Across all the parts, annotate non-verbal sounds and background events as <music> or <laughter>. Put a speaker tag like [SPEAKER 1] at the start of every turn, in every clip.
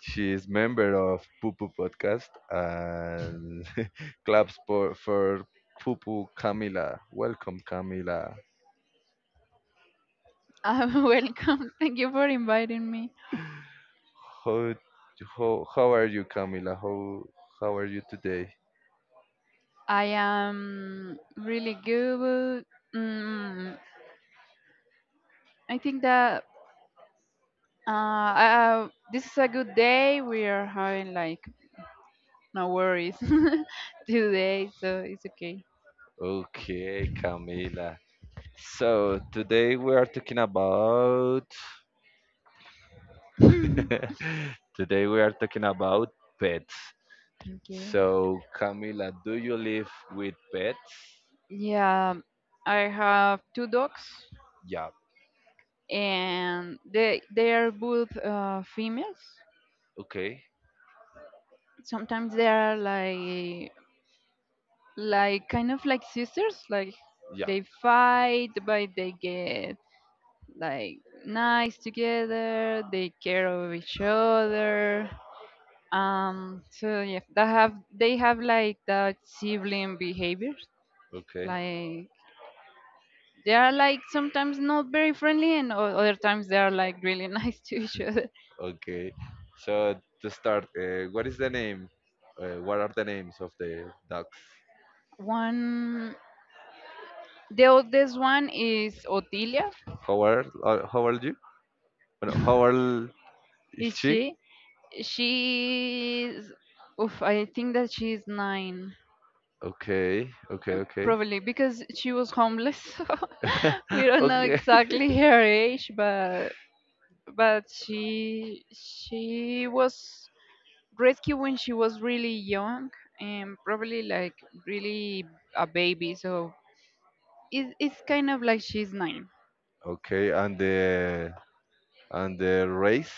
[SPEAKER 1] She is member of Poo Poo podcast and <laughs> claps for Poo Poo Camila. Welcome Camila.
[SPEAKER 2] <laughs> Welcome. Thank you for inviting me.
[SPEAKER 1] How how are you, Camila? How are you today?
[SPEAKER 2] I am really good. Mm, I think that uh, uh, this is a good day. We are having like no worries <laughs> today, so it's okay.
[SPEAKER 1] Okay, Camila. So today we are talking about <laughs> today we are talking about pets.
[SPEAKER 2] Okay.
[SPEAKER 1] So Camila, do you live with pets?
[SPEAKER 2] Yeah, I have two dogs,
[SPEAKER 1] Yeah.
[SPEAKER 2] and they are both females.
[SPEAKER 1] Okay.
[SPEAKER 2] Sometimes they are like kind of like sisters, like
[SPEAKER 1] Yeah.
[SPEAKER 2] they fight, but they get like nice together, they care of each other, so yeah, they have like that sibling behavior,
[SPEAKER 1] Okay.
[SPEAKER 2] like they are like sometimes not very friendly, and other times they are like really <laughs> nice to each other.
[SPEAKER 1] Okay. So to start, what is the name? What are the names of the dogs?
[SPEAKER 2] One, the oldest one is Otilia,
[SPEAKER 1] How are how old you? No, How old is
[SPEAKER 2] is
[SPEAKER 1] she?
[SPEAKER 2] she she's oof, I think that she's 9.
[SPEAKER 1] Okay, okay, okay.
[SPEAKER 2] Probably because she was homeless. <laughs> We
[SPEAKER 1] <laughs>
[SPEAKER 2] don't know
[SPEAKER 1] Okay. <laughs>
[SPEAKER 2] exactly her age, but she was rescued when she was really young and probably like really a baby. So it's kind of like she's 9.
[SPEAKER 1] Okay, and the race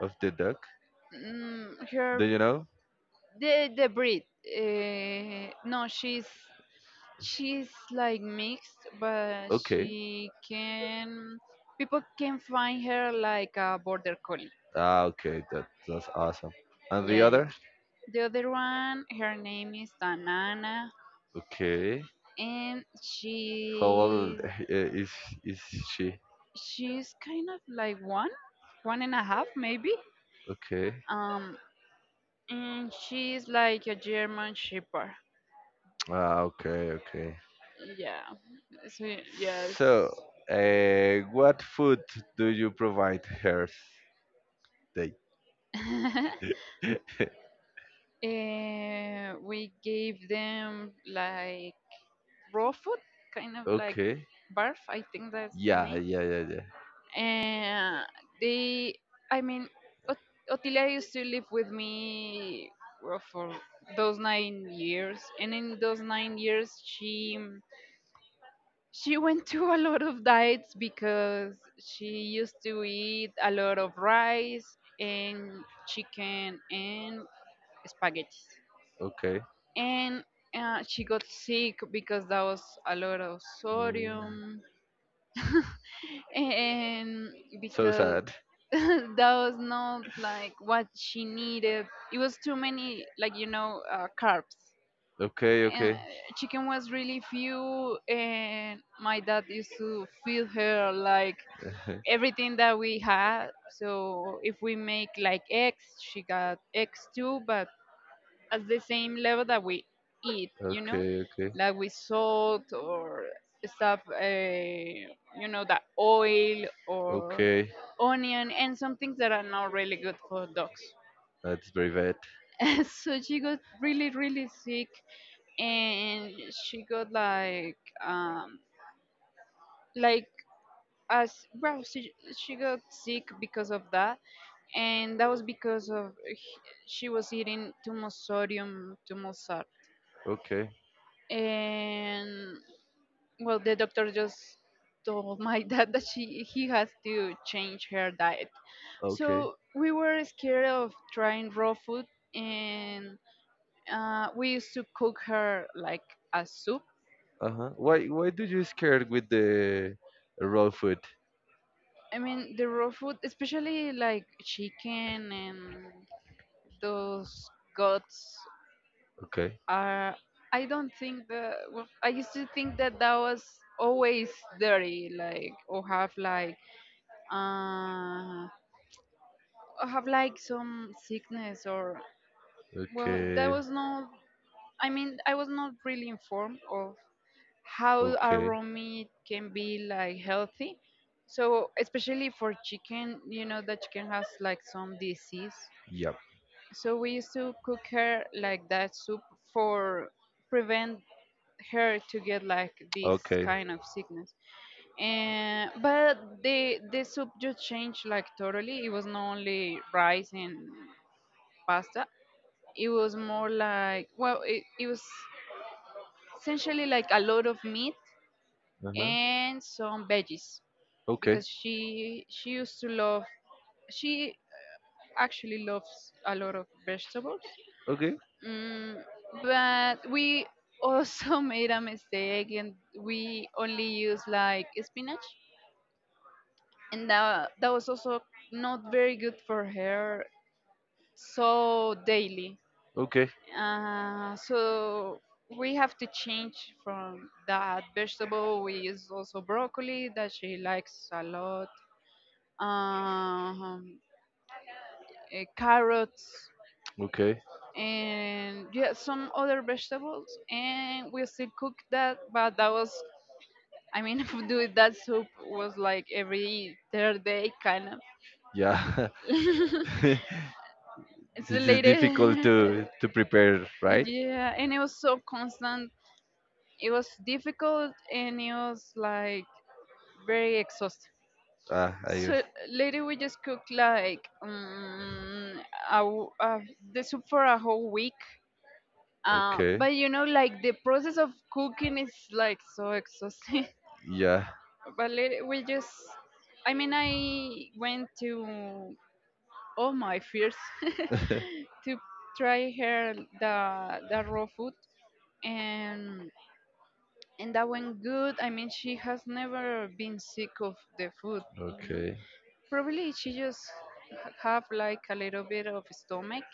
[SPEAKER 1] of the duck.
[SPEAKER 2] Mm, her
[SPEAKER 1] Do you know?
[SPEAKER 2] the breed. No, she's like mixed, but
[SPEAKER 1] Okay.
[SPEAKER 2] she can people can find her like a border collie.
[SPEAKER 1] Ah, okay. That's awesome. And the
[SPEAKER 2] Yeah, yeah.
[SPEAKER 1] other?
[SPEAKER 2] The other one, her name is Danana,
[SPEAKER 1] Okay.
[SPEAKER 2] and
[SPEAKER 1] How old
[SPEAKER 2] she
[SPEAKER 1] is she?
[SPEAKER 2] she's kind of like one, one and a half maybe.
[SPEAKER 1] Okay.
[SPEAKER 2] Um, and she's like a German Shepherd.
[SPEAKER 1] Ah, okay, okay.
[SPEAKER 2] Yeah, so, yes.
[SPEAKER 1] So, what food do you provide her? They.
[SPEAKER 2] <laughs>
[SPEAKER 1] <laughs>
[SPEAKER 2] We gave them like raw food, kind of like
[SPEAKER 1] Okay.
[SPEAKER 2] barf. I think that's the
[SPEAKER 1] Yeah,
[SPEAKER 2] name.
[SPEAKER 1] yeah, yeah, yeah.
[SPEAKER 2] And they I mean Ot- otilia used to live with me, well, for those 9 years, and in those 9 years she went to a lot of diets because she used to eat a lot of rice and chicken and spaghetti,
[SPEAKER 1] Okay.
[SPEAKER 2] and she got sick because that was a lot of
[SPEAKER 1] Mm,
[SPEAKER 2] sodium <laughs> and
[SPEAKER 1] So
[SPEAKER 2] because
[SPEAKER 1] sad.
[SPEAKER 2] <laughs> that was not like what she needed. It was too many, like, you know, carbs.
[SPEAKER 1] Okay.
[SPEAKER 2] And
[SPEAKER 1] Okay.
[SPEAKER 2] uh, chicken was really few, and my dad used to feed her like everything that we had.
[SPEAKER 1] <laughs>
[SPEAKER 2] So if we make like eggs, she got eggs too, but at the same level that we eat,
[SPEAKER 1] Okay, okay,
[SPEAKER 2] like with salt or stuff, that oil or
[SPEAKER 1] okay.
[SPEAKER 2] onion and some things that are not really good for dogs.
[SPEAKER 1] That's very bad.
[SPEAKER 2] <laughs> So she got really, really sick, and she got um, like, as well, she got sick because of that, and that was because of she was eating too much sodium, too much salt.
[SPEAKER 1] Okay,
[SPEAKER 2] And well, the doctor just told my <laughs> dad that she he has to change her diet,
[SPEAKER 1] okay.
[SPEAKER 2] so we were scared of trying raw food, and we used to cook her like a soup.
[SPEAKER 1] Uh huh. Why do you scared with the raw food?
[SPEAKER 2] I mean, the raw food, especially like chicken, and those guts
[SPEAKER 1] Okay,
[SPEAKER 2] are I don't think that well, I used to think that that was always dirty, like, or have like uh, I have like some sickness, or well, there
[SPEAKER 1] okay,
[SPEAKER 2] was no, I mean, I was not really informed of how a
[SPEAKER 1] okay.
[SPEAKER 2] raw meat can be like healthy. So especially for chicken, you know the chicken has like some disease.
[SPEAKER 1] Yeah.
[SPEAKER 2] So we used to cook her like that soup for prevent her to get like this
[SPEAKER 1] Okay.
[SPEAKER 2] kind of sickness. And but the soup just changed like totally. It was not only rice and pasta. It was more like, well, it was essentially like a lot of meat
[SPEAKER 1] Uh huh.
[SPEAKER 2] and some veggies
[SPEAKER 1] Okay.
[SPEAKER 2] because she used to love, she actually loves a lot of vegetables.
[SPEAKER 1] Okay.
[SPEAKER 2] Mm, but we also <laughs> made a mistake, and we only used like spinach, and that was also not very good for her so daily.
[SPEAKER 1] Okay.
[SPEAKER 2] So we have to change from that vegetable. We use also broccoli that she likes a lot. Um, carrots
[SPEAKER 1] Okay.
[SPEAKER 2] and yeah, some other vegetables, and we still cook that. But that was, I mean, <laughs> doing that soup was like every third day, kind of.
[SPEAKER 1] Yeah.
[SPEAKER 2] <laughs>
[SPEAKER 1] <laughs>
[SPEAKER 2] It's
[SPEAKER 1] this is difficult to
[SPEAKER 2] related. <laughs>
[SPEAKER 1] prepare, right?
[SPEAKER 2] Yeah, and it was so constant. It was difficult, and it was like very exhausting.
[SPEAKER 1] Ah, I
[SPEAKER 2] So later we just cooked like a, w- uh, the soup for a whole week. Uh,
[SPEAKER 1] okay.
[SPEAKER 2] but you know, like the process of cooking is like so exhausting.
[SPEAKER 1] Yeah.
[SPEAKER 2] <laughs> But later we just, I mean, I went to all my fears <laughs>
[SPEAKER 1] <laughs>
[SPEAKER 2] to try her the raw food, and that went good. I mean, she has never been sick of the food.
[SPEAKER 1] okay.
[SPEAKER 2] Probably she just have like a little bit of stomach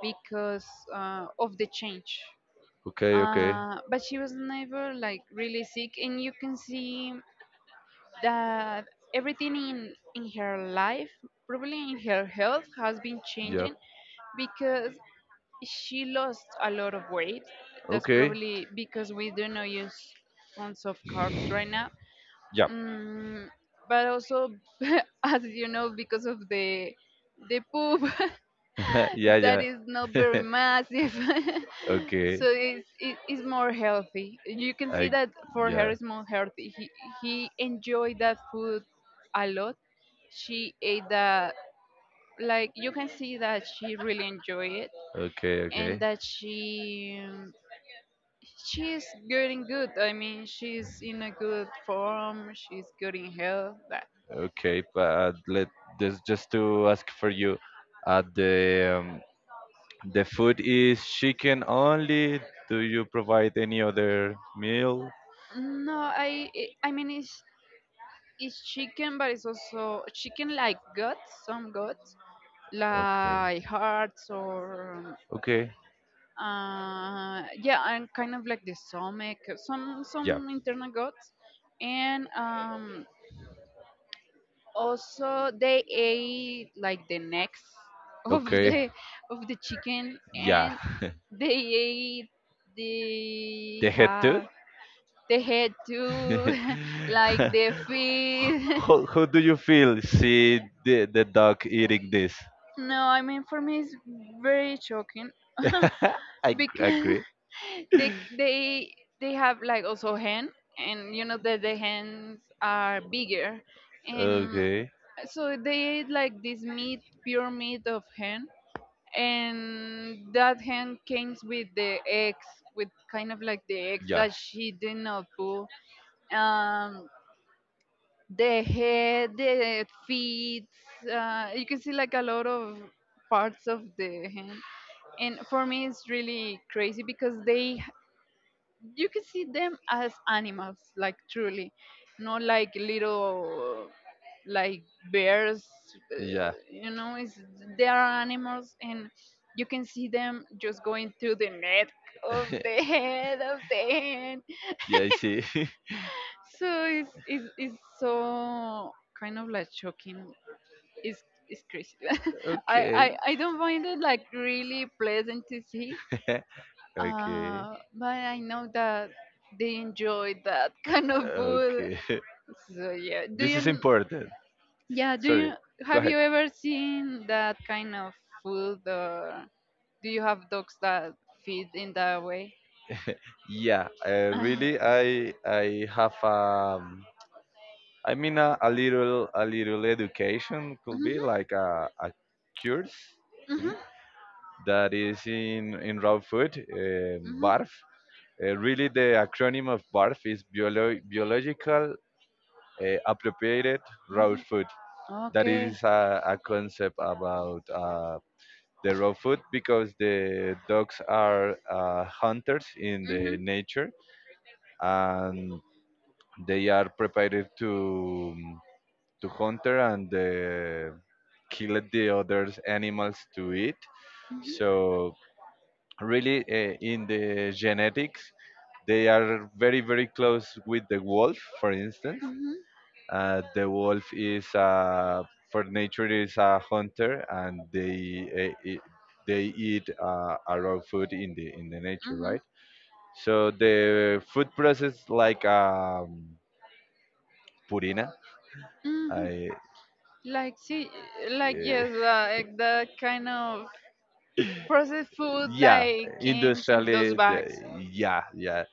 [SPEAKER 2] because of the change.
[SPEAKER 1] Okay. Okay.
[SPEAKER 2] But she was never like really sick, and you can see that everything in her life, probably in her health, has been
[SPEAKER 1] Yeah.
[SPEAKER 2] changing because she lost a lot of weight. That's
[SPEAKER 1] Okay.
[SPEAKER 2] probably because we do not use tons of carbs right now.
[SPEAKER 1] Yeah.
[SPEAKER 2] Mm, but also, <laughs> as you know, because of the poop
[SPEAKER 1] <laughs> yeah.
[SPEAKER 2] <laughs> that
[SPEAKER 1] Yeah.
[SPEAKER 2] is not very massive, <laughs>
[SPEAKER 1] Okay.
[SPEAKER 2] so it is more healthy. You can see
[SPEAKER 1] I.
[SPEAKER 2] that for her
[SPEAKER 1] Yeah.
[SPEAKER 2] it's more healthy. He enjoyed that food a lot. She ate that, like, you can see that she really enjoyed it,
[SPEAKER 1] Okay.
[SPEAKER 2] and
[SPEAKER 1] Okay.
[SPEAKER 2] that she's getting good. I mean, she's in a good form. She's good in health.
[SPEAKER 1] Okay. But let this just to ask for you, at the the food is chicken only. Do you provide any other meal?
[SPEAKER 2] No, I mean, it's chicken, but it's also chicken like guts, some guts,
[SPEAKER 1] Okay.
[SPEAKER 2] like hearts or
[SPEAKER 1] Okay.
[SPEAKER 2] yeah, and kind of like the stomach, some
[SPEAKER 1] Yeah.
[SPEAKER 2] some internal guts, and also they ate like the necks <laughs> of
[SPEAKER 1] Okay.
[SPEAKER 2] the of the chicken,
[SPEAKER 1] Yeah.
[SPEAKER 2] and
[SPEAKER 1] <laughs>
[SPEAKER 2] they ate they
[SPEAKER 1] the head too?
[SPEAKER 2] have the head
[SPEAKER 1] <laughs>
[SPEAKER 2] too, <laughs> like
[SPEAKER 1] how,
[SPEAKER 2] the feet. <laughs>
[SPEAKER 1] how do you feel see the dog eating this?
[SPEAKER 2] No, I mean, for me it's very shocking
[SPEAKER 1] <laughs>
[SPEAKER 2] <laughs> because
[SPEAKER 1] Agree.
[SPEAKER 2] <laughs> they they they have like also hand, and you know that the hands are bigger, and
[SPEAKER 1] Okay.
[SPEAKER 2] so they ate like this meat, pure meat of hen, and that hen came with the eggs, with kind of like the eggs
[SPEAKER 1] Yeah.
[SPEAKER 2] that she did not put, um the head, the feet. You can see like a lot of parts of the hand. And for me, it's really crazy because you can see them as animals, like truly, not like little, like bears. Uh,
[SPEAKER 1] Yeah.
[SPEAKER 2] you know, it's they are animals, and you can see them just going through the neck of
[SPEAKER 1] <laughs>
[SPEAKER 2] the <laughs> head of the hand.
[SPEAKER 1] Yeah, I see. <laughs>
[SPEAKER 2] So it's so kind of like shocking, is is crazy. <laughs> I,
[SPEAKER 1] okay.
[SPEAKER 2] I I don't find it like really pleasant to see.
[SPEAKER 1] <laughs> okay.
[SPEAKER 2] But I know that they enjoy that <laughs> kind of food.
[SPEAKER 1] Okay. <laughs>
[SPEAKER 2] So yeah, do
[SPEAKER 1] This
[SPEAKER 2] you,
[SPEAKER 1] is important.
[SPEAKER 2] yeah, do
[SPEAKER 1] Sorry.
[SPEAKER 2] you,
[SPEAKER 1] Go
[SPEAKER 2] have
[SPEAKER 1] ahead.
[SPEAKER 2] you ever seen that kind of food, or do you have dogs that feed in that way?
[SPEAKER 1] Yeah, really, I
[SPEAKER 2] <laughs>
[SPEAKER 1] I have I mean a little education could be
[SPEAKER 2] Mhm,
[SPEAKER 1] like a course could
[SPEAKER 2] mhm,
[SPEAKER 1] be that is in raw food
[SPEAKER 2] mhm.
[SPEAKER 1] barf. Really, the acronym of BARF is Biological Appropriated Raw
[SPEAKER 2] Mhm.
[SPEAKER 1] Food. That
[SPEAKER 2] Okay.
[SPEAKER 1] is a concept about the raw food because the dogs are hunters in the
[SPEAKER 2] Mhm.
[SPEAKER 1] nature and they are prepared to hunter and kill the other animals to eat. So really in the genetics they are very close with the wolf, for instance.
[SPEAKER 2] Mhm.
[SPEAKER 1] The wolf is for nature is a hunter, and they eat, they eat a raw food in the nature,
[SPEAKER 2] Mhm.
[SPEAKER 1] right? So the food process like Purina,
[SPEAKER 2] Mhm.
[SPEAKER 1] i
[SPEAKER 2] Like see, like
[SPEAKER 1] eh,
[SPEAKER 2] yes, like that kind of processed food
[SPEAKER 1] yeah,
[SPEAKER 2] like came in those
[SPEAKER 1] industrially
[SPEAKER 2] bags.
[SPEAKER 1] yeah yeah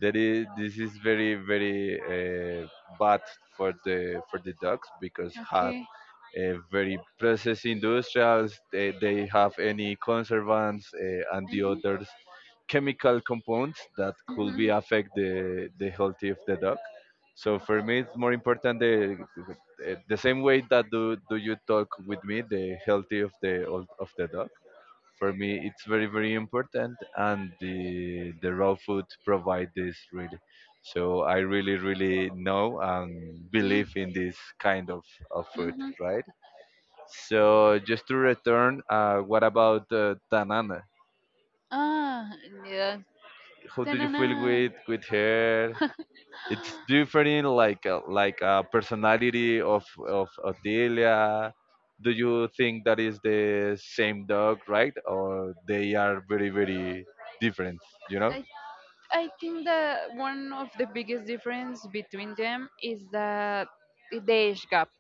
[SPEAKER 1] that is this is very bad for the dogs because had
[SPEAKER 2] Okay.
[SPEAKER 1] a very processed industrials, they have any conservants and the
[SPEAKER 2] Mhm.
[SPEAKER 1] others chemical compounds that could be
[SPEAKER 2] Mhm.
[SPEAKER 1] affect the health of the dog. So for me it's more important the the same way that do you talk with me, the health of the of the dog for me it's very important, and the raw food provide this really. So I really really know and
[SPEAKER 2] Mhm.
[SPEAKER 1] believe in this kind of food,
[SPEAKER 2] Mhm.
[SPEAKER 1] right? So just to return, what about Tanana?
[SPEAKER 2] Ah, yeah.
[SPEAKER 1] How do you feel
[SPEAKER 2] Ta-na-na.
[SPEAKER 1] with her? It's different like a personality of Otilia. Do you think that is the same dog, right? Or they are very different, you know?
[SPEAKER 2] I I think that one of the biggest difference between them is that the age gap,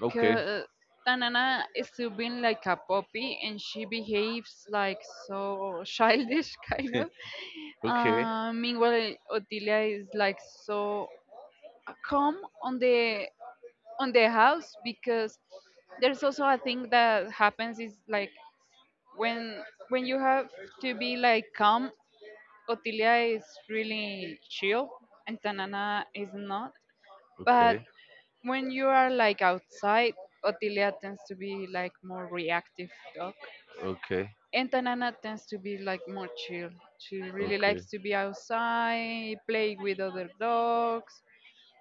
[SPEAKER 1] Okay.
[SPEAKER 2] Tanana is still being like a puppy, and she behaves like so childish <laughs> kind of.
[SPEAKER 1] <laughs> okay.
[SPEAKER 2] Meanwhile, Otilia is like so calm on the house, because there's also a thing that happens is like when you have to be like calm, Otilia is really chill and Tanana is not. But
[SPEAKER 1] Okay.
[SPEAKER 2] when you are like outside, Otilia tends to be like more reactive dog.
[SPEAKER 1] Okay.
[SPEAKER 2] And Tanana tends to be like more chill. She really
[SPEAKER 1] Okay.
[SPEAKER 2] likes to be outside, play with other dogs.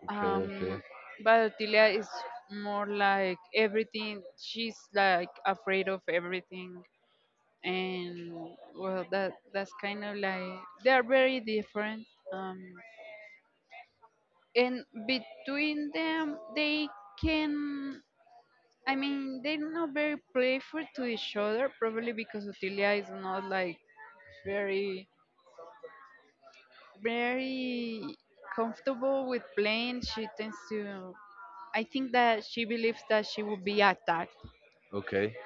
[SPEAKER 1] Okay. Okay.
[SPEAKER 2] Um, but Otilia is more like everything. She's like afraid of everything, and well, that's kind of like, they are very different, um and between them, they can I mean they're not very playful to each other, probably because Utilia is not like very very comfortable with playing. She tends to, I think that she believes that she will be attacked,
[SPEAKER 1] Okay.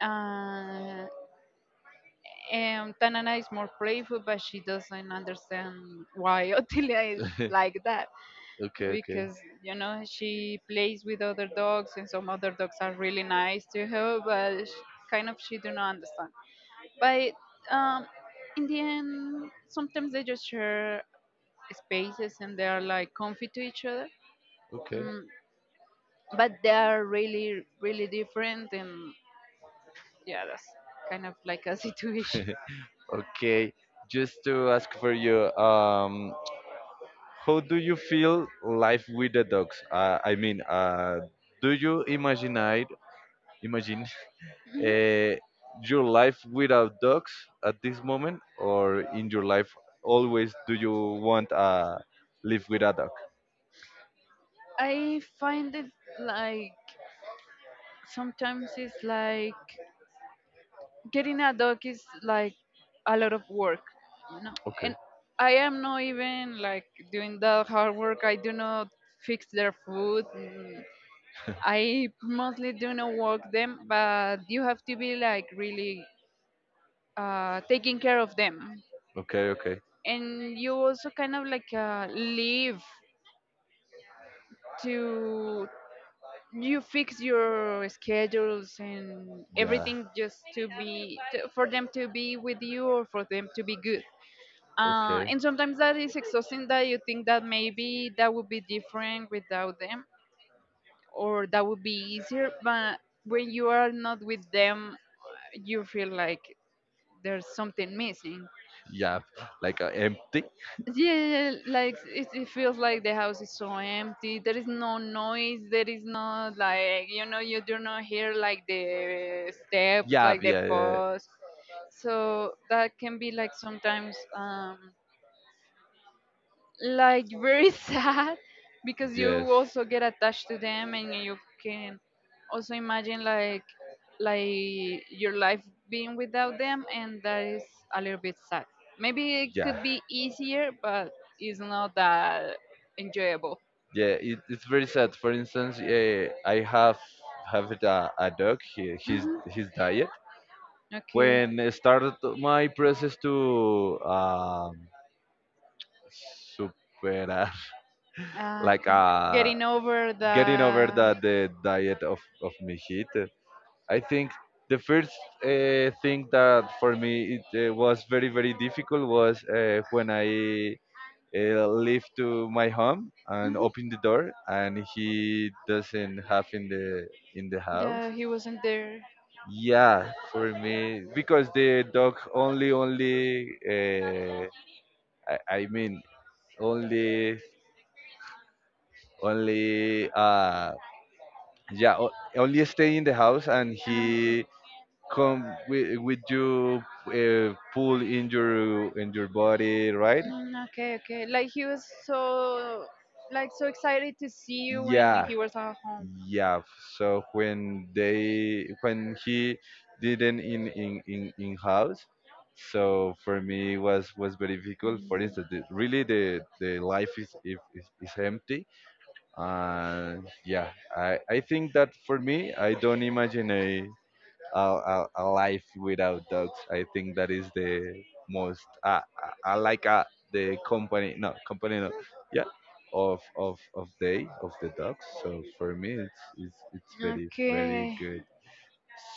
[SPEAKER 2] uh, and Tanana is more playful, but she doesn't understand why <laughs> Otilia is
[SPEAKER 1] <laughs>
[SPEAKER 2] like that,
[SPEAKER 1] okay. Okay.
[SPEAKER 2] because you know she plays with other dogs, and some other dogs are really nice to her, but sh kind of she do not understand. But um, in the end, sometimes they just share spaces and they are like comfy to each other,
[SPEAKER 1] Okay.
[SPEAKER 2] mm, but they are really really different, and yeah, that's kind of like a <laughs> situation.
[SPEAKER 1] Okay, just to ask for you, how do you feel life with the dogs? I mean, do you imagine it? Imagine uh, your life without dogs at this moment, or in your life always do you want live with a dog?
[SPEAKER 2] I find it like sometimes it's like getting a dog is like a lot of work, you know
[SPEAKER 1] Okay.
[SPEAKER 2] and I am not even like doing the hard work. I do not fix their food. I mostly do not walk them, but you have to be like really taking care of them,
[SPEAKER 1] Okay, okay,
[SPEAKER 2] and you also kind of like live to you fix your schedules and
[SPEAKER 1] yeah,
[SPEAKER 2] everything just to be for them to be with you or for them to be good.
[SPEAKER 1] okay,
[SPEAKER 2] And sometimes that is exhausting that you think that maybe that would be different without them, or that would be easier, but when you are not with them you feel like there's something missing.
[SPEAKER 1] yeah, like empty,
[SPEAKER 2] Yeah, like it feels like the house is so empty, there is no noise, there is no like, you do not hear like the steps,
[SPEAKER 1] yeah,
[SPEAKER 2] like the
[SPEAKER 1] yeah, yeah,
[SPEAKER 2] pause. So that can be like sometimes like very <laughs> sad, because you
[SPEAKER 1] yes,
[SPEAKER 2] also get attached to them and you can also imagine like your life being without them, and that is a little bit sad. Maybe it
[SPEAKER 1] yeah,
[SPEAKER 2] could be easier, but it's not that enjoyable.
[SPEAKER 1] yeah it, it's very sad, for instance. I have it a dog. His
[SPEAKER 2] Hmm.
[SPEAKER 1] his diet
[SPEAKER 2] Okay.
[SPEAKER 1] when I started my process to superar <laughs>
[SPEAKER 2] uh,
[SPEAKER 1] like
[SPEAKER 2] getting over
[SPEAKER 1] getting over
[SPEAKER 2] the
[SPEAKER 1] the diet of my heat, I think the first thing that for me it was very very difficult was when I leave to my home and
[SPEAKER 2] Mhm.
[SPEAKER 1] open the door and he doesn't have in the house.
[SPEAKER 2] Yeah, he wasn't there.
[SPEAKER 1] Yeah, for me, because the dog only I mean only only yeah only stay in the house, and
[SPEAKER 2] Ah, okay.
[SPEAKER 1] he come with you pull in your body, right?
[SPEAKER 2] Mm, okay, okay. Like he was so, like so excited to see you when
[SPEAKER 1] Yeah,
[SPEAKER 2] he was at home.
[SPEAKER 1] yeah. So when they when he didn't in in house, so for me was very difficult. For instance the, really the life is is empty, and yeah I think that for me I don't imagine a life without dogs. I think that is the most. I like the company. No company. No. Yeah. Of they of the dogs. So for me, it's it's very very
[SPEAKER 2] Okay.
[SPEAKER 1] good.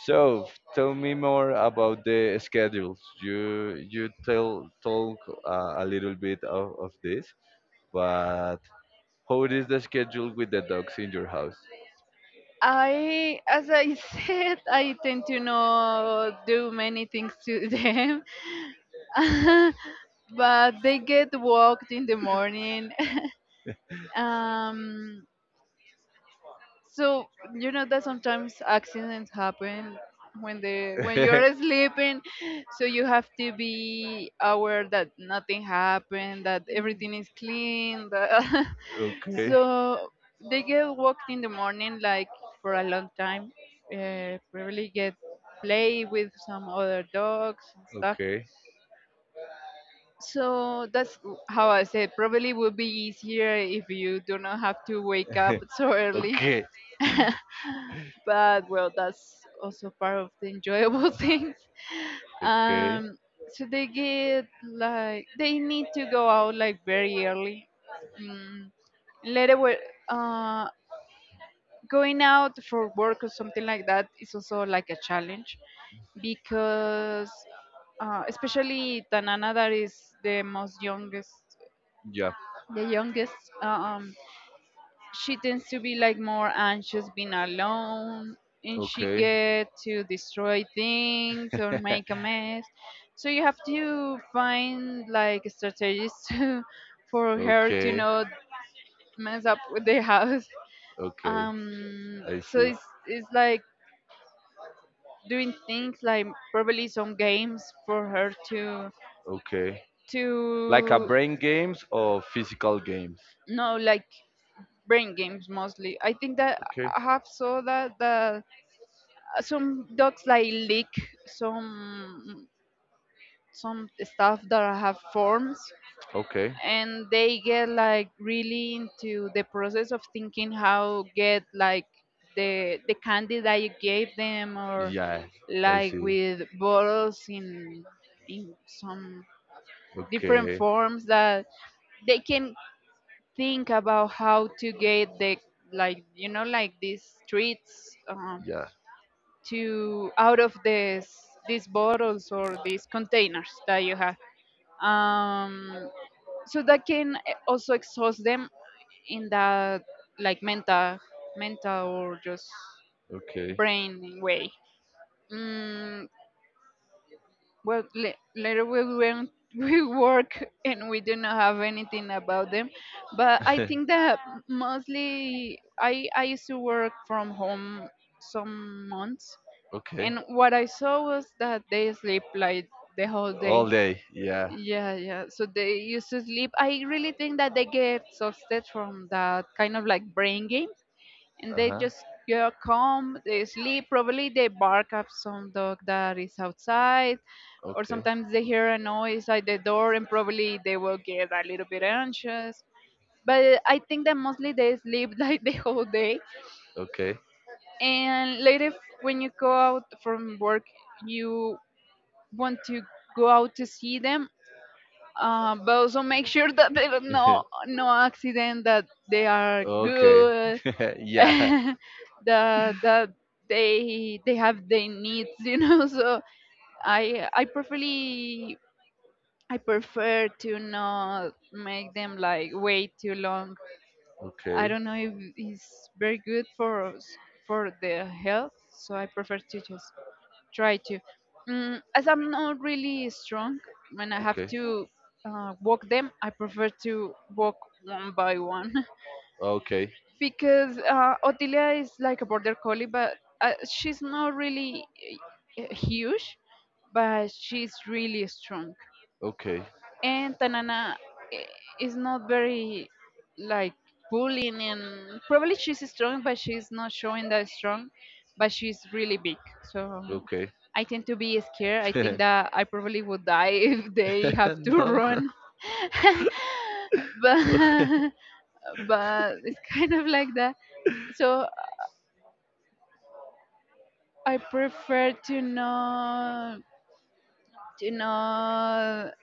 [SPEAKER 1] So tell me more about the schedules. You tell talk a little bit of this, but how is the schedule with the dogs in your house?
[SPEAKER 2] As I <laughs> said, I tend to not do many things to them, <laughs> but they get walked in the morning. <laughs> um, so you know that sometimes accidents happen when the when
[SPEAKER 1] <laughs>
[SPEAKER 2] you're sleeping, so you have to be aware that nothing happened, that everything is clean. That <laughs>
[SPEAKER 1] Okay.
[SPEAKER 2] So they get walked in the morning like for a long time, probably get play with some other dogs and stuff.
[SPEAKER 1] Okay.
[SPEAKER 2] So that's how I said. Probably would be easier if you do not have to wake up <laughs>
[SPEAKER 1] <laughs>
[SPEAKER 2] so early.
[SPEAKER 1] Okay.
[SPEAKER 2] <laughs> But well, that's also part of the enjoyable <laughs> things.
[SPEAKER 1] Okay.
[SPEAKER 2] Um, so they get like they need to go out like very early. Mm, Later, where uh, going out for work or something like that is also like a challenge, because especially Tanana, that is
[SPEAKER 1] Yeah.
[SPEAKER 2] the youngest. uh, Um, she tends to be like more anxious being alone, and she
[SPEAKER 1] Okay.
[SPEAKER 2] get to destroy things or make a mess, so you have to find like strategies <laughs> for her to
[SPEAKER 1] Okay.
[SPEAKER 2] not mess up with the house.
[SPEAKER 1] Okay. I
[SPEAKER 2] So
[SPEAKER 1] see.
[SPEAKER 2] it's like doing things like probably some games for her
[SPEAKER 1] Okay. Like a
[SPEAKER 2] to
[SPEAKER 1] brain games or physical games.
[SPEAKER 2] no, like brain games. Mostly, I think that
[SPEAKER 1] Okay.
[SPEAKER 2] I have saw that some dogs like lick some some stuff that have forms,
[SPEAKER 1] Okay.
[SPEAKER 2] and they get like really into the process of thinking how get like the candy that you gave them, or
[SPEAKER 1] Yeah. I
[SPEAKER 2] like
[SPEAKER 1] see.
[SPEAKER 2] with bottles in some different
[SPEAKER 1] Okay.
[SPEAKER 2] forms that they can think about how to get the like, like these treats
[SPEAKER 1] Yeah.
[SPEAKER 2] to out of this these bottles or these containers that you have. um, so that can also exhaust them in that like mental or just
[SPEAKER 1] Okay.
[SPEAKER 2] brain way. mm, well, later we went <laughs> we work, and we do not have anything about them. But I
[SPEAKER 1] <laughs>
[SPEAKER 2] think that mostly I used to work from home some months.
[SPEAKER 1] okay.
[SPEAKER 2] And what I saw was that they sleep like the whole
[SPEAKER 1] All
[SPEAKER 2] day.
[SPEAKER 1] day. Yeah.
[SPEAKER 2] Yeah, yeah. So they used to sleep. I really think that they get exhausted from that kind of like brain game, and
[SPEAKER 1] Uh
[SPEAKER 2] they
[SPEAKER 1] huh.
[SPEAKER 2] just yeah, calm. They sleep. Probably they bark at some dog that is outside, or
[SPEAKER 1] Okay.
[SPEAKER 2] sometimes they hear a noise at the door, and probably they will get a little bit anxious. But I think that mostly they sleep <laughs> like the whole day,
[SPEAKER 1] Okay.
[SPEAKER 2] and later when you go out from work, you want to go out to see them, but also make sure that there are no
[SPEAKER 1] <laughs>
[SPEAKER 2] no accident, that they are
[SPEAKER 1] okay.
[SPEAKER 2] good,
[SPEAKER 1] <laughs>
[SPEAKER 2] <laughs>
[SPEAKER 1] yeah.
[SPEAKER 2] that that they have their needs. <laughs> So I I preferly I prefer to not make them like wait too long. I
[SPEAKER 1] Okay.
[SPEAKER 2] don't know if it's very good for for the health, so I prefer to just try to. As I'm not really strong, when I have
[SPEAKER 1] Okay.
[SPEAKER 2] to walk them, I prefer to walk one by one
[SPEAKER 1] Okay.
[SPEAKER 2] <laughs> because Otilia is like a border collie, but she's not really huge, but she's really strong.
[SPEAKER 1] Okay.
[SPEAKER 2] And Tanana eh, is not very like bullying, and probably she's strong, but she's not showing that strong, but she's really big. So
[SPEAKER 1] Okay.
[SPEAKER 2] I tend to be scared. I think that I probably would die <laughs> if they have
[SPEAKER 1] <laughs>
[SPEAKER 2] to
[SPEAKER 1] no.
[SPEAKER 2] run. <laughs> but
[SPEAKER 1] <laughs>
[SPEAKER 2] but it's kind of like that. So I prefer to not to not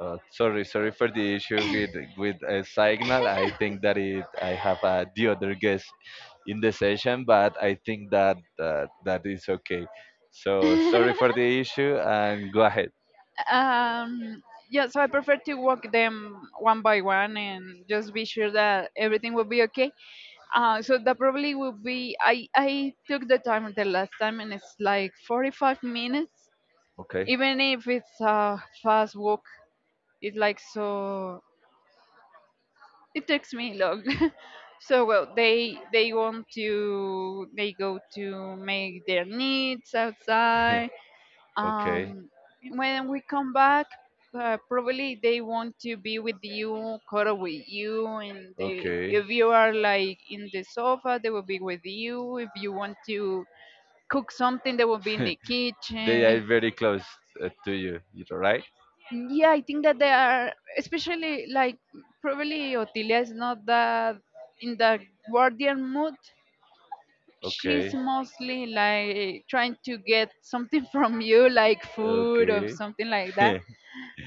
[SPEAKER 1] sorry, sorry for the issue with a signal. I think that it I have the other guest in the session, but I think that that is okay. So sorry for the issue and go ahead.
[SPEAKER 2] Um, yeah, so I prefer to walk them one by one and just be sure that everything will be okay. So that probably will be. I took the time the last time, and it's like 45 minutes.
[SPEAKER 1] Okay.
[SPEAKER 2] Even if it's a fast walk, it's like so. It takes me long. <laughs> So well, they go to make their needs outside.
[SPEAKER 1] <laughs> okay.
[SPEAKER 2] um, when we come back, probably they want to be with you, cuddle with you, and
[SPEAKER 1] Okay.
[SPEAKER 2] if you are like in the sofa, they will be with you. If you want to cook something, they will be in the
[SPEAKER 1] They are
[SPEAKER 2] kitchen.
[SPEAKER 1] very close to you, you know, right?
[SPEAKER 2] Yeah, I think that especially like probably Otilia is not that in the guardian mood. She's
[SPEAKER 1] Okay.
[SPEAKER 2] mostly like trying to get something <laughs> from you, like food or
[SPEAKER 1] Okay.
[SPEAKER 2] something like that.
[SPEAKER 1] <laughs>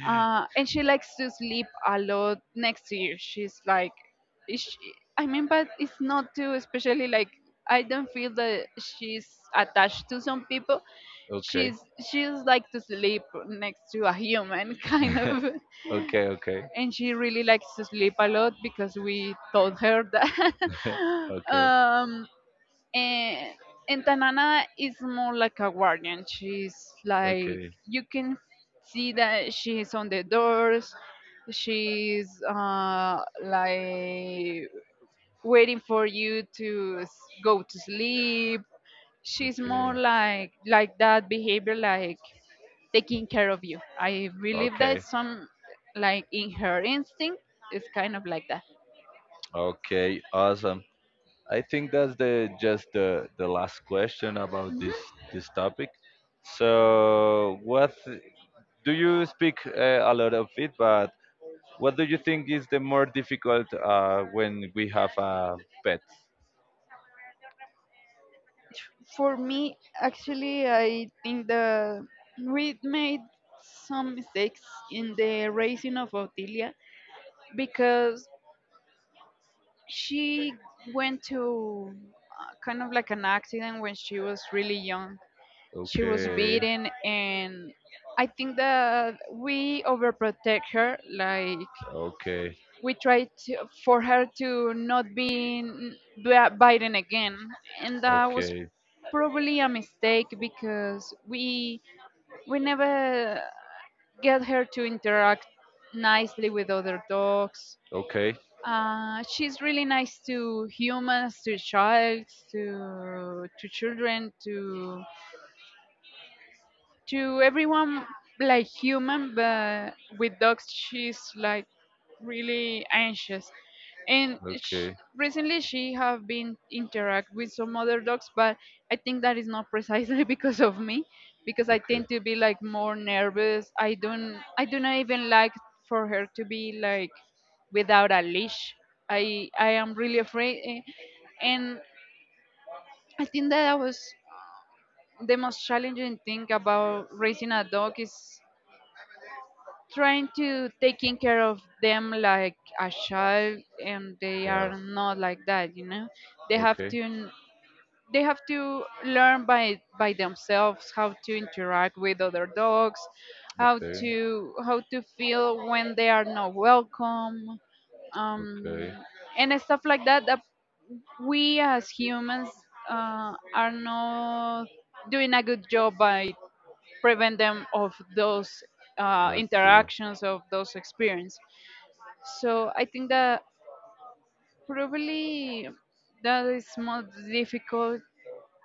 [SPEAKER 2] And she likes to sleep a lot next to you. She's like, is she, I mean, but it's not too, especially like I don't feel that she's attached to some people.
[SPEAKER 1] okay.
[SPEAKER 2] She's she's like to sleep next to a human <laughs>
[SPEAKER 1] <laughs>
[SPEAKER 2] kind
[SPEAKER 1] okay.
[SPEAKER 2] of,
[SPEAKER 1] Okay. <laughs> okay.
[SPEAKER 2] and she really likes to sleep a lot because we told her that. <laughs>
[SPEAKER 1] Okay.
[SPEAKER 2] um, and and Tanana is more like a guardian. She's like
[SPEAKER 1] Okay.
[SPEAKER 2] you can see that she's on the doors. She's like waiting for you to go to sleep. She's more like that behavior, like taking care of you. I believe that
[SPEAKER 1] Okay.
[SPEAKER 2] some like in her instinct is kind of like that.
[SPEAKER 1] Okay. Awesome. I think that's the just the last question about this topic. So, what do you speak a lot of it, but what do you think is the more difficult when we have a pet?
[SPEAKER 2] For me, actually, I think the we made some mistakes in the raising of Ottilia, because she went to kind of like an accident when she was really young. She was
[SPEAKER 1] Okay,
[SPEAKER 2] beaten, and I think that we overprotect her, like
[SPEAKER 1] okay,
[SPEAKER 2] we tried for her to not be bitten again, and
[SPEAKER 1] okay,
[SPEAKER 2] that was
[SPEAKER 1] okay,
[SPEAKER 2] probably a mistake, because we never get her to interact nicely with other dogs. She's really nice to humans, to childs, to children, to everyone like human, but with dogs she's like really anxious. And sh
[SPEAKER 1] okay,
[SPEAKER 2] recently she have been interact with some other dogs, but I think that is not precisely <laughs> because of me, because I
[SPEAKER 1] okay.
[SPEAKER 2] tend to be like more nervous. I do not even like for her to be like without a leash. I am really afraid. And I think that I was the most challenging thing about raising a dog is trying to taking care of them like a child, and they
[SPEAKER 1] Yeah.
[SPEAKER 2] are not like that. They have
[SPEAKER 1] Okay.
[SPEAKER 2] to they have to learn by themselves how to interact with other dogs, how
[SPEAKER 1] Okay.
[SPEAKER 2] to feel when they are not welcome, um
[SPEAKER 1] Okay.
[SPEAKER 2] and stuff like that we as humans are not doing a good job by prevent them of those interactions, of those experience. So I think that probably that is more difficult.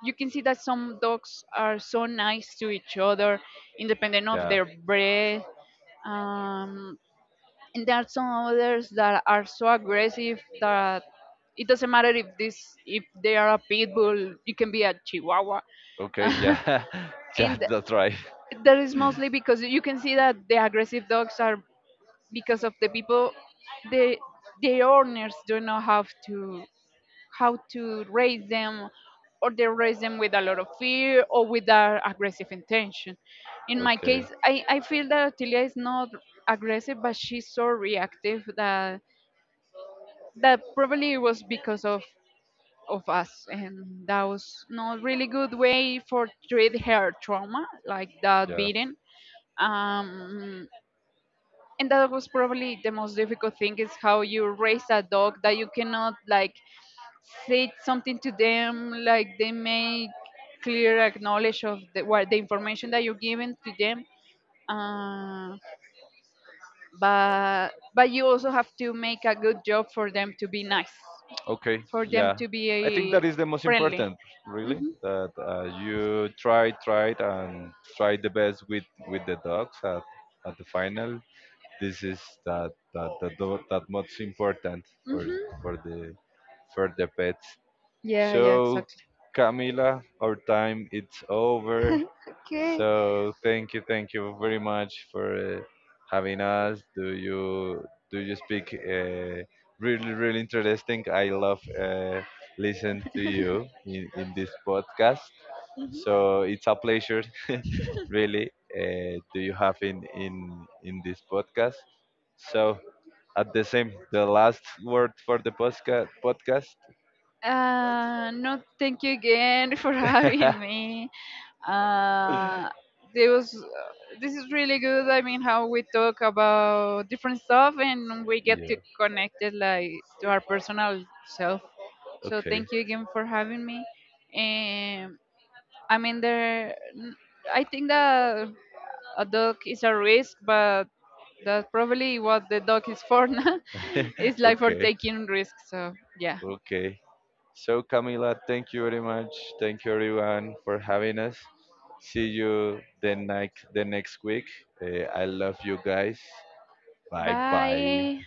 [SPEAKER 2] You can see that some dogs are so nice to each other independent
[SPEAKER 1] Okay.
[SPEAKER 2] of
[SPEAKER 1] Yeah.
[SPEAKER 2] their breed. um, and there are some others that are so aggressive that it doesn't matter if they are a pit bull, you can be a chihuahua <laughs>
[SPEAKER 1] Okay,
[SPEAKER 2] and
[SPEAKER 1] yeah, <laughs> yeah, that's right.
[SPEAKER 2] that is mostly because you can see that the aggressive dogs are because of the people, the the owners don't know how to raise them, or they raise them with a lot of fear, or with a aggressive intention. In my
[SPEAKER 1] Okay.
[SPEAKER 2] case, I feel that Otilia is not aggressive, but she's so reactive that probably was because of us, and that was not really good way for treat her trauma, like that
[SPEAKER 1] Yeah.
[SPEAKER 2] beating. um and that was probably the most difficult thing, is how you raise a dog that you cannot like say something to them, like they make clear acknowledge of what the information that you're giving to them. uh, but you also have to make a good job for them to be nice,
[SPEAKER 1] Okay,
[SPEAKER 2] for them
[SPEAKER 1] yeah.
[SPEAKER 2] to be
[SPEAKER 1] I think that is the most
[SPEAKER 2] friendly.
[SPEAKER 1] important, really,
[SPEAKER 2] Hmm.
[SPEAKER 1] that you try, and try the best with the dogs at the final. This is that that most important for
[SPEAKER 2] Hmm.
[SPEAKER 1] for the for the pets.
[SPEAKER 2] Yeah. Yeah.
[SPEAKER 1] So,
[SPEAKER 2] Exactly.
[SPEAKER 1] Camila, our time it's over.
[SPEAKER 2] Okay.
[SPEAKER 1] So, thank you very much for having us. Do you speak really really interesting? I love listen to you in this podcast. So it's a pleasure, <laughs> really. Do you have in this podcast? So at the same, the last word for the podcast.
[SPEAKER 2] No, thank you again <laughs> for having
[SPEAKER 1] <laughs>
[SPEAKER 2] me. Uh, there was, this is really good. I mean, how we talk about different stuff and we get
[SPEAKER 1] Yeah.
[SPEAKER 2] to connect it like to our personal self. So
[SPEAKER 1] Okay.
[SPEAKER 2] thank you again for having me. And I mean, I think that a dog is a risk, but that's probably what the dog is for <laughs> now.
[SPEAKER 1] <laughs>
[SPEAKER 2] It's like for
[SPEAKER 1] Okay.
[SPEAKER 2] taking risks. So yeah.
[SPEAKER 1] Okay. So Camila, thank you very much. Thank you everyone for having us. See you the next week. I love you guys. Bye bye.
[SPEAKER 2] Bye.